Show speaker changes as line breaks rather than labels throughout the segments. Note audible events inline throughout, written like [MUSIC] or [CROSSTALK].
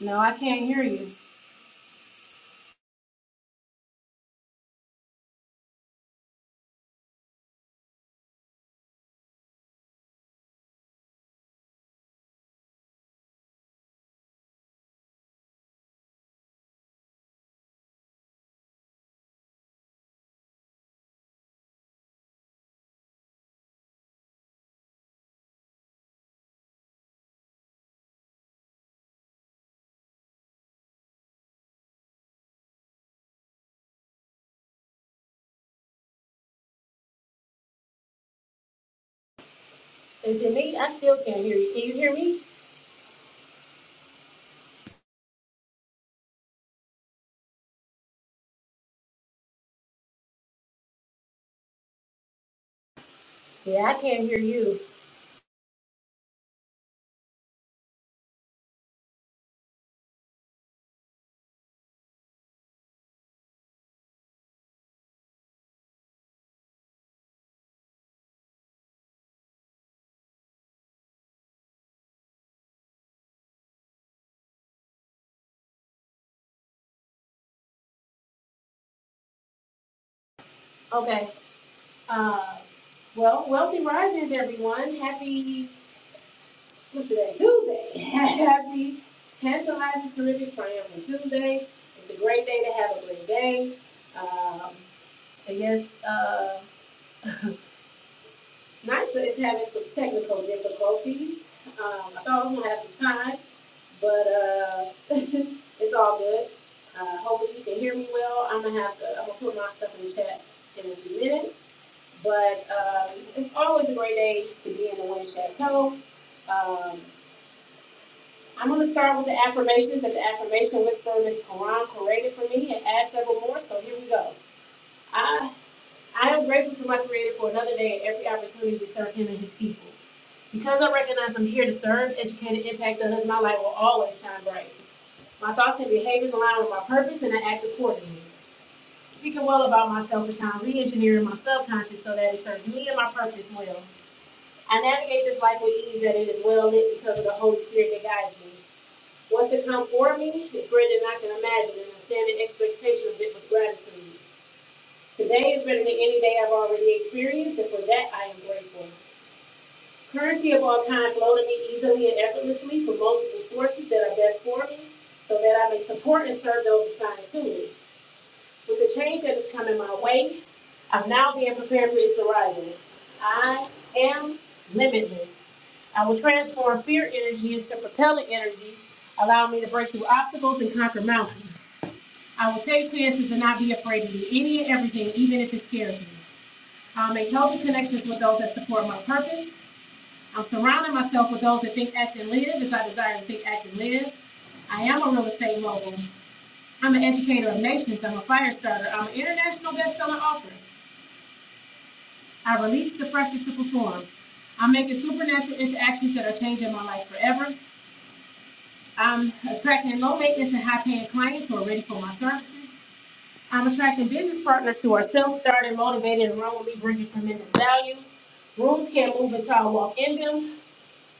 No, I can't hear you. Is it me? I still can't hear you. Can you hear me? Yeah, I can't hear you. Okay. Uh, well, wealthy risings, everyone. Happy what's today? Tuesday. [LAUGHS] Happy tantalizing terrific triumphant Tuesday. It's a great day to have a great day. Um, I guess uh, NYSA is having some technical difficulties. Um, I thought I was gonna have some time, but uh, [LAUGHS] it's all good. Uh, hopefully you can hear me well. I'm gonna have to. I'm gonna put my stuff in the chat in a few minutes. But um, it's always a great day to be in the Wind Chateau. Um, I'm gonna start with the affirmations that the affirmation whisperer Miss Quran created for me and add several more. So here we go. I I am grateful to my Creator for another day and every opportunity to serve Him and His people. Because I recognize I'm here to serve, educate, and impact others, my light will always shine bright. My thoughts and behaviors align with my purpose, and I act accordingly. Speaking well about myself is how I'm re-engineering my subconscious so that it serves me and my purpose well. I navigate this life with ease that it is well lit because of the Holy Spirit that guides me. What's to come for me is greater than I can imagine, and I stand in expectation of it with gratitude. Today is better than any day I've already experienced, and for that I am grateful. Currency of all kinds flow to me easily and effortlessly from multiple sources that are best for me, so that I may support and serve those assigned to me. With the change that is coming my way, I'm now being prepared for its arrival. I am limitless. I will transform fear energy into propellant energy, allow me to break through obstacles and conquer mountains. I will take chances and not be afraid to do any and everything, even if it scares me. I'll make healthy connections with those that support my purpose. I'm surrounding myself with those that think, act, and live as I desire to think, act, and live. I am a real estate mogul. I'm an educator of nations. I'm a fire starter. I'm an international best-selling author. I release the pressure to perform. I'm making supernatural interactions that are changing my life forever. I'm attracting low maintenance and high paying clients who are ready for my services. I'm attracting business partners who are self started, motivated, and run with me, bringing tremendous value. Rooms can't move until I walk in them.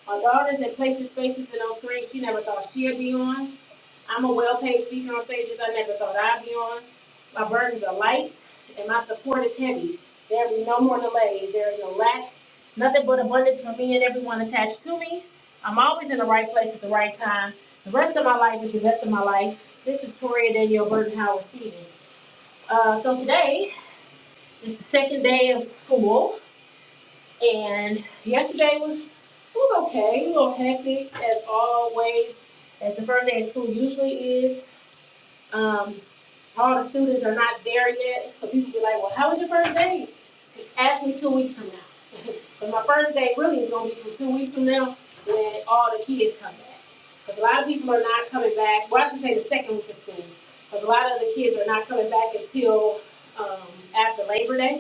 Her daughters in places, spaces, and on screens she never thought she'd be on. I'm a well-paid speaker on stages I never thought I'd be on. My burdens are light and my support is heavy. There will be no more delays. There is no lack. Nothing but abundance for me and everyone attached to me. I'm always in the right place at the right time. The rest of my life is the rest of my life. This is Toria Danielle Burton Howard Stevens. Uh, so today is the second day of school. And yesterday was was okay, a little hectic as always, as the first day of school usually is. Um, all the students are not there yet, so people be like, "Well, how was your first day?" Ask me two weeks from now. [LAUGHS] but my first day really is gonna be from two weeks from now when all the kids come back. Because a lot of people are not coming back. Well, I should say the second week of school. Because a lot of the kids are not coming back until um, after Labor Day.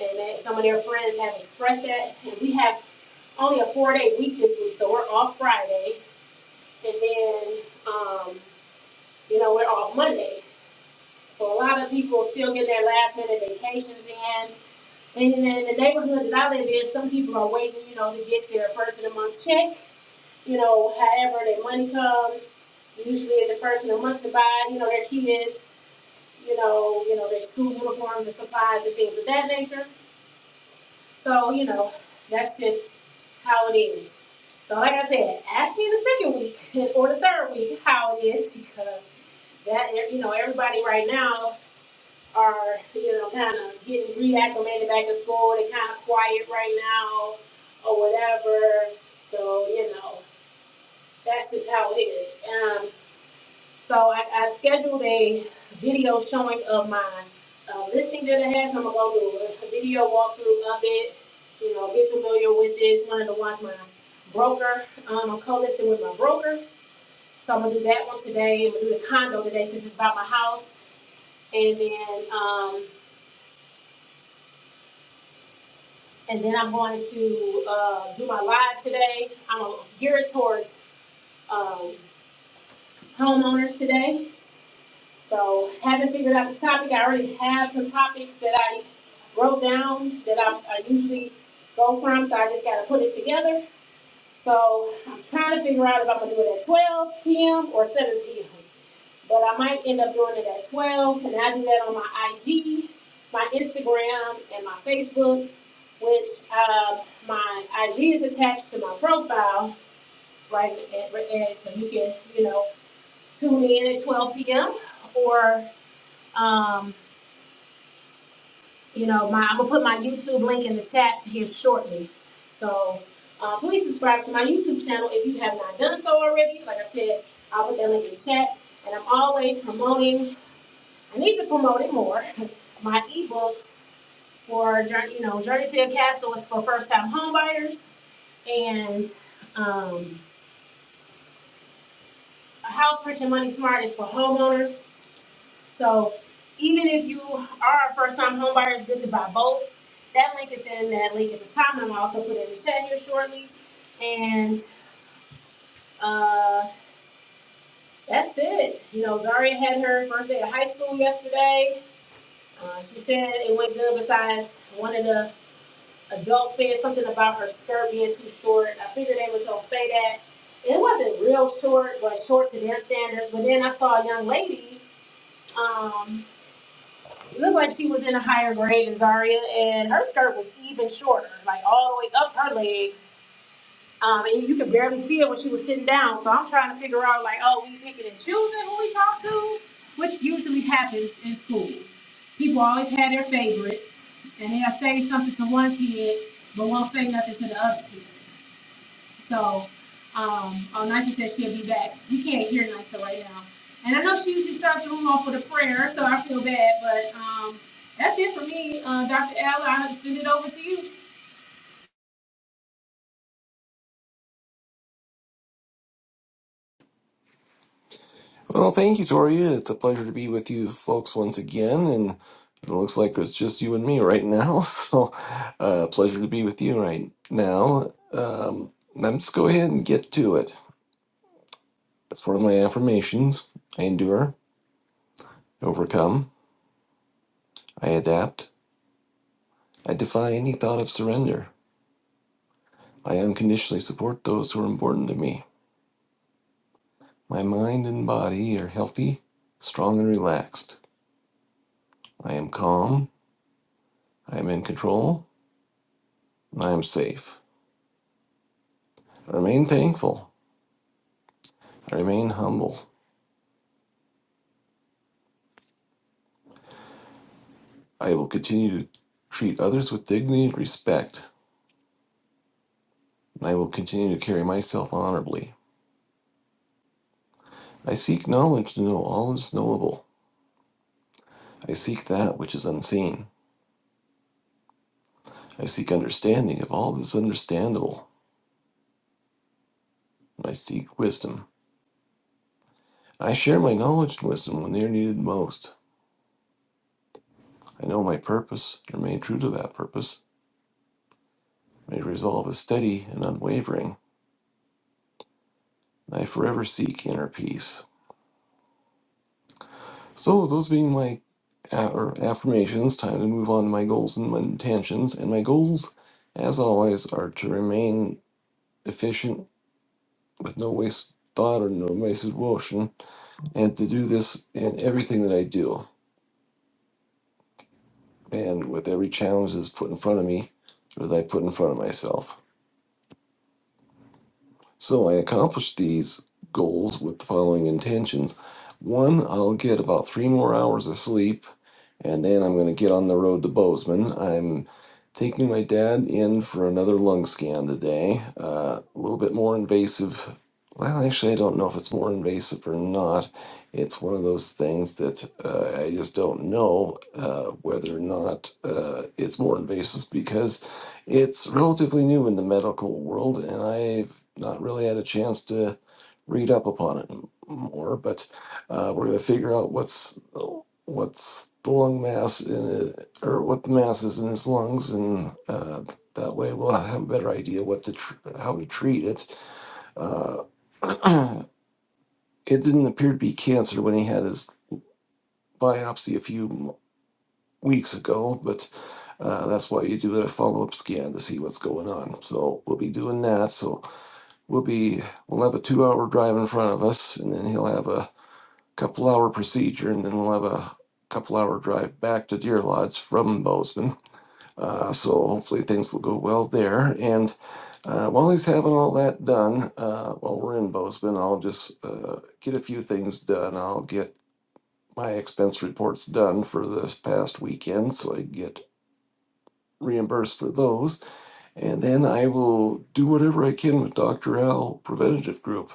And that, some of their friends have expressed that, and we have only a four-day week this week, so we're off Friday, and then, um, you know, we're off Monday. So a lot of people still get their last-minute vacations in, and then in the neighborhood that I live in, some people are waiting, you know, to get their first of the month check, you know, however their money comes, usually in the person that month to buy, you know, their kids, you know, you know, their school uniforms and supplies and things of that nature. So, you know, that's just how it is. So like I said, ask me the second week [LAUGHS] or the third week how it is because that you know, everybody right now are, you know, kind of getting reacclimated back to school. They're kind of quiet right now or whatever. So, you know, that's just how it is. Um, so I, I scheduled a video showing of my uh, listing that I had. So I'm gonna go do a video walkthrough of it. You know, get familiar with this. Wanted to watch my broker. Um, I'm co-listing with my broker, so I'm gonna do that one today. I'm gonna do the condo today since it's about my house, and then um, and then I'm going to uh, do my live today. I'm gonna gear it towards um, homeowners today. So haven't figured out the topic. I already have some topics that I wrote down that I, I usually go from, so I just gotta put it together. So I'm trying to figure out if I'm gonna do it at 12 p.m. or 7 p.m. But I might end up doing it at 12, and I do that on my IG, my Instagram, and my Facebook, which uh, my IG is attached to my profile, right? And, and so you can, you know, tune in at 12 p.m. or um, you know, my, I'm gonna put my YouTube link in the chat here shortly. So, uh, please subscribe to my YouTube channel if you have not done so already. Like I said, I'll put that link in the chat. And I'm always promoting, I need to promote it more, [LAUGHS] my ebook for, Jour- you know, Journey to Your Castle is for first time homebuyers and, um, A House Rich and Money Smart is for homeowners. So even if you are a first time homebuyer, it's good to buy both. That link is in that link at the top, and i am also put it in the chat here shortly. And uh, that's it. You know, Zaria had her first day of high school yesterday. Uh, she said it went good. Besides, one of the adults said something about her skirt being too short. I figured they would don't say that. It wasn't real short, but short to their standards. But then I saw a young lady. um, It looked like she was in a higher grade than Zaria, and her skirt was even shorter, like all the way up her legs, Um, and you could barely see it when she was sitting down. So I'm trying to figure out, like, oh, we picking and choosing who we talk to, which usually happens in school. People always had their favorites, and they'll say something to one kid, but won't say nothing to the other kid. So, um, oh, Nisa said she'll be back. We can't hear Nisa right now. And I know she usually starts the room off with a prayer, so I feel bad, but, um, that's it for me. Uh, Dr. Al, I'll send it over to you.
Well, thank you, Tori. It's a pleasure to be with you folks once again. And it looks like it's just you and me right now. [LAUGHS] So, uh, pleasure to be with you right now. Um, let's go ahead and get to it. That's one of my affirmations I endure, overcome, I adapt, I defy any thought of surrender. I unconditionally support those who are important to me. My mind and body are healthy, strong, and relaxed. I am calm, I am in control, and I am safe. I remain thankful. I remain humble. I will continue to treat others with dignity and respect, and I will continue to carry myself honorably. I seek knowledge to know all that is knowable. I seek that which is unseen. I seek understanding of all that is understandable, and I seek wisdom. I share my knowledge and wisdom when they are needed most. I know my purpose, and remain true to that purpose. My resolve is steady and unwavering, and I forever seek inner peace. So, those being my a- or affirmations, time to move on to my goals and my intentions. And my goals, as always, are to remain efficient with no waste thought or no wasted motion, and to do this in everything that I do and with every challenge that's put in front of me or that I put in front of myself. So I accomplished these goals with the following intentions. One, I'll get about three more hours of sleep, and then I'm going to get on the road to Bozeman. I'm taking my dad in for another lung scan today, uh, a little bit more invasive. Well, actually, I don't know if it's more invasive or not. It's one of those things that uh, I just don't know uh, whether or not uh, it's more invasive because it's relatively new in the medical world, and I've not really had a chance to read up upon it m- more. But uh, we're going to figure out what's what's the lung mass in it, or what the mass is in his lungs, and uh, that way we'll have a better idea what to tr- how to treat it. Uh, [CLEARS THROAT] it didn't appear to be cancer when he had his biopsy a few m- weeks ago, but uh, that's why you do a follow up scan to see what's going on. So we'll be doing that. So We'll be we'll have a two-hour drive in front of us, and then he'll have a couple-hour procedure, and then we'll have a couple-hour drive back to Deer Lodge from Bozeman. Uh, so hopefully things will go well there. And uh, while he's having all that done, uh, while we're in Bozeman, I'll just uh, get a few things done. I'll get my expense reports done for this past weekend, so I can get reimbursed for those. And then I will do whatever I can with Dr. Al Preventative Group.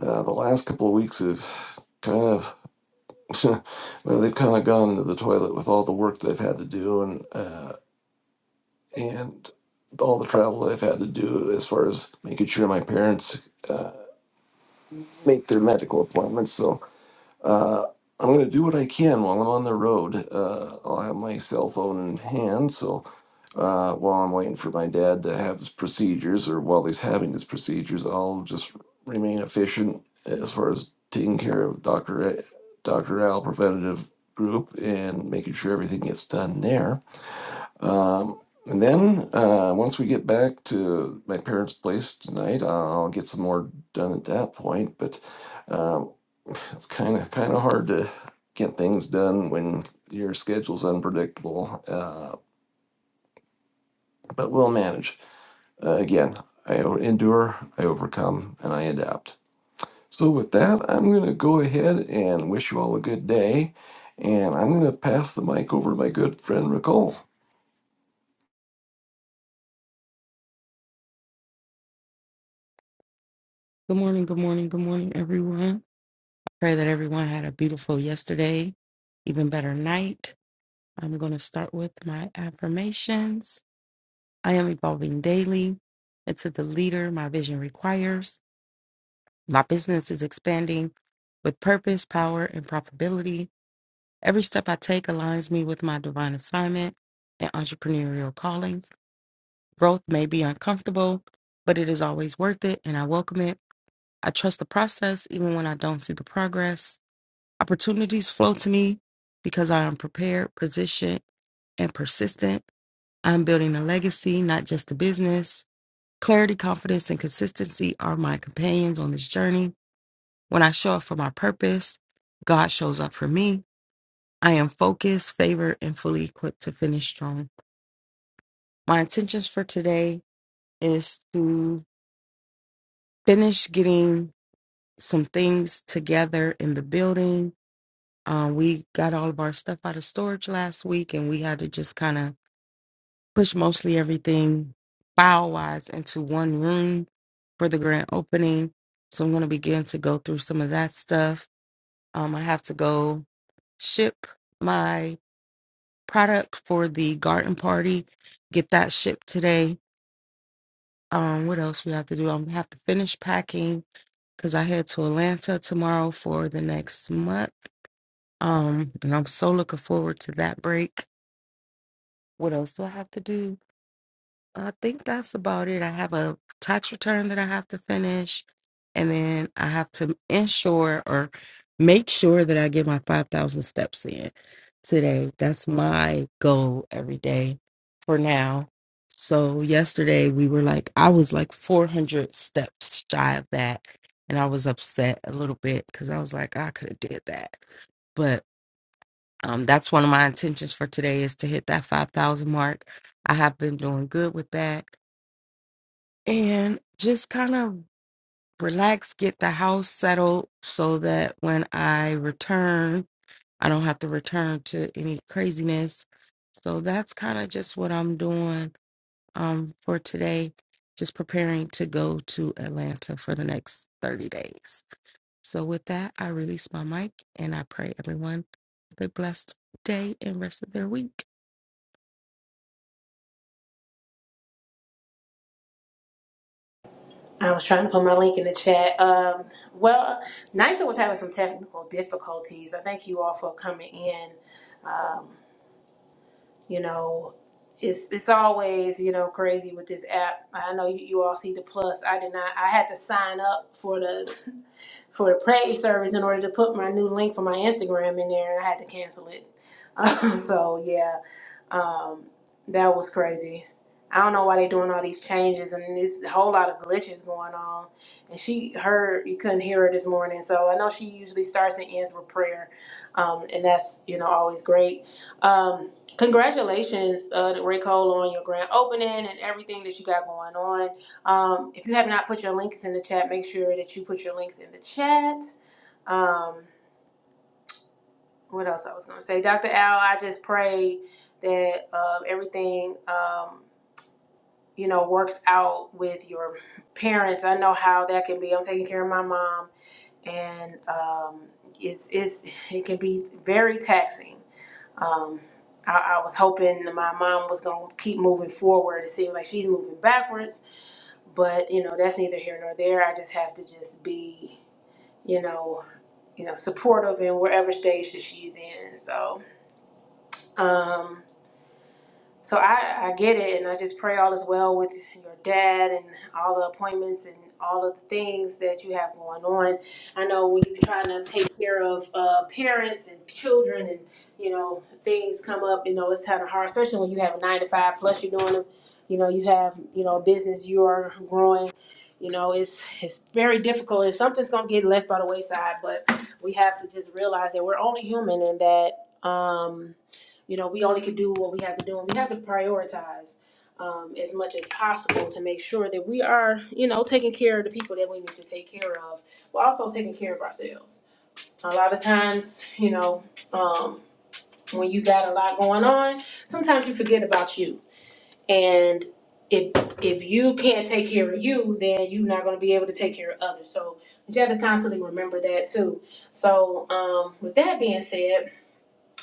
Uh, the last couple of weeks have kind of, [LAUGHS] well, they've kind of gone into the toilet with all the work that I've had to do and uh, and all the travel that I've had to do as far as making sure my parents uh, make their medical appointments. So Uh, I'm going to do what I can while I'm on the road. Uh, I'll have my cell phone in hand, so uh, while I'm waiting for my dad to have his procedures, or while he's having his procedures, I'll just remain efficient as far as taking care of Doctor A- Doctor Al Preventative Group and making sure everything gets done there. Um, and then uh, once we get back to my parents' place tonight, I'll get some more done at that point. But um, it's kind of kind of hard to get things done when your schedule's unpredictable. Uh, but we'll manage. Uh, again, I o- endure, I overcome, and I adapt. So with that, I'm going to go ahead and wish you all a good day, and I'm going to pass the mic over to my good friend Nicole.
Good morning, good morning, good morning, everyone. I pray that everyone had a beautiful yesterday, even better night. I'm going to start with my affirmations. I am evolving daily into the leader my vision requires. My business is expanding with purpose, power, and profitability. Every step I take aligns me with my divine assignment and entrepreneurial calling. Growth may be uncomfortable, but it is always worth it, and I welcome it. I trust the process even when I don't see the progress. Opportunities flow to me because I am prepared, positioned, and persistent. I'm building a legacy, not just a business. Clarity, confidence, and consistency are my companions on this journey. When I show up for my purpose, God shows up for me. I am focused, favored, and fully equipped to finish strong. My intentions for today is to finish getting some things together in the building. Um, we got all of our stuff out of storage last week and we had to just kind of push mostly everything file wise into one room for the grand opening. So I'm going to begin to go through some of that stuff. Um, I have to go ship my product for the garden party, get that shipped today. Um, what else we have to do? I'm gonna have to finish packing because I head to Atlanta tomorrow for the next month. Um, and I'm so looking forward to that break. What else do I have to do? I think that's about it. I have a tax return that I have to finish, and then I have to ensure or make sure that I get my 5,000 steps in today. That's my goal every day for now. So, yesterday we were like, I was like 400 steps shy of that, and I was upset a little bit because I was like, I could have did that but um, that's one of my intentions for today is to hit that 5000 mark i have been doing good with that and just kind of relax, get the house settled so that when I return, I don't have to return to any craziness. So that's kind of just what I'm doing um, for today, just preparing to go to Atlanta for the next 30 days. So with that, I release my mic and I pray everyone have a blessed day and rest of their week.
I was trying to put my link in the chat. Um, well, NISA was having some technical difficulties. I thank you all for coming in. Um, you know, it's it's always you know crazy with this app. I know you, you all see the plus. I did not. I had to sign up for the for the praise service in order to put my new link for my Instagram in there. and I had to cancel it. [LAUGHS] so yeah, um, that was crazy. I don't know why they doing all these changes and this whole lot of glitches going on. And she her, you couldn't hear her this morning, so I know she usually starts and ends with prayer, um, and that's you know always great. Um, congratulations, uh, to Ray Cole, on your grand opening and everything that you got going on. Um, if you have not put your links in the chat, make sure that you put your links in the chat. Um, what else I was gonna say, Dr. Al, I just pray that um, everything um, you know works out with your parents. I know how that can be. I'm taking care of my mom, and um, it's, it's [LAUGHS] it can be very taxing. Um, I, I was hoping that my mom was gonna keep moving forward. It seems like she's moving backwards, but you know that's neither here nor there. I just have to just be you know you know supportive in wherever stage that she's in. So um, so I, I get it, and I just pray all is well with your dad and all the appointments and all of the things that you have going on. I know when you're trying to take care of uh, parents and children, and you know things come up. You know it's kind of hard, especially when you have a nine to five plus. You're doing, you know, you have you know a business you are growing. You know it's it's very difficult, and something's gonna get left by the wayside. But we have to just realize that we're only human, and that. Um, you know, we only can do what we have to do, and we have to prioritize um, as much as possible to make sure that we are, you know, taking care of the people that we need to take care of, but also taking care of ourselves. A lot of times, you know, um, when you got a lot going on, sometimes you forget about you, and if if you can't take care of you, then you're not going to be able to take care of others. So you have to constantly remember that too. So um, with that being said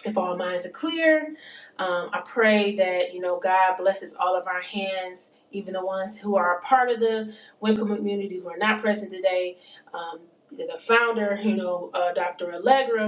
if all minds are clear. Um, I pray that you know God blesses all of our hands, even the ones who are a part of the Wickham community who are not present today. Um, the founder, you know, uh, Dr. Allegra,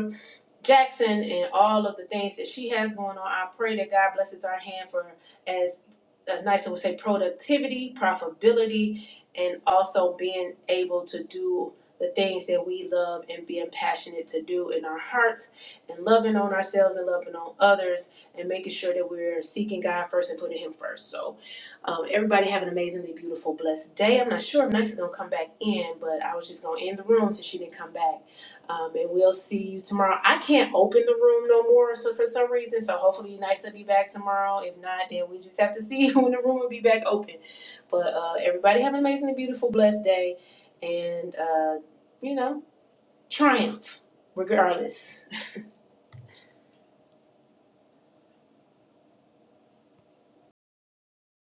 Jackson and all of the things that she has going on. I pray that God blesses our hand for as as Nysa would say, productivity, profitability, and also being able to do the things that we love and being passionate to do in our hearts and loving on ourselves and loving on others and making sure that we're seeking God first and putting Him first. So, um, everybody have an amazingly beautiful, blessed day. I'm not sure if Nysa gonna come back in, but I was just gonna end the room since she didn't come back. Um, and we'll see you tomorrow. I can't open the room no more, so for some reason, so hopefully nice will be back tomorrow. If not, then we just have to see [LAUGHS] when the room will be back open. But uh, everybody have an amazingly beautiful, blessed day, and uh, you know, triumph regardless.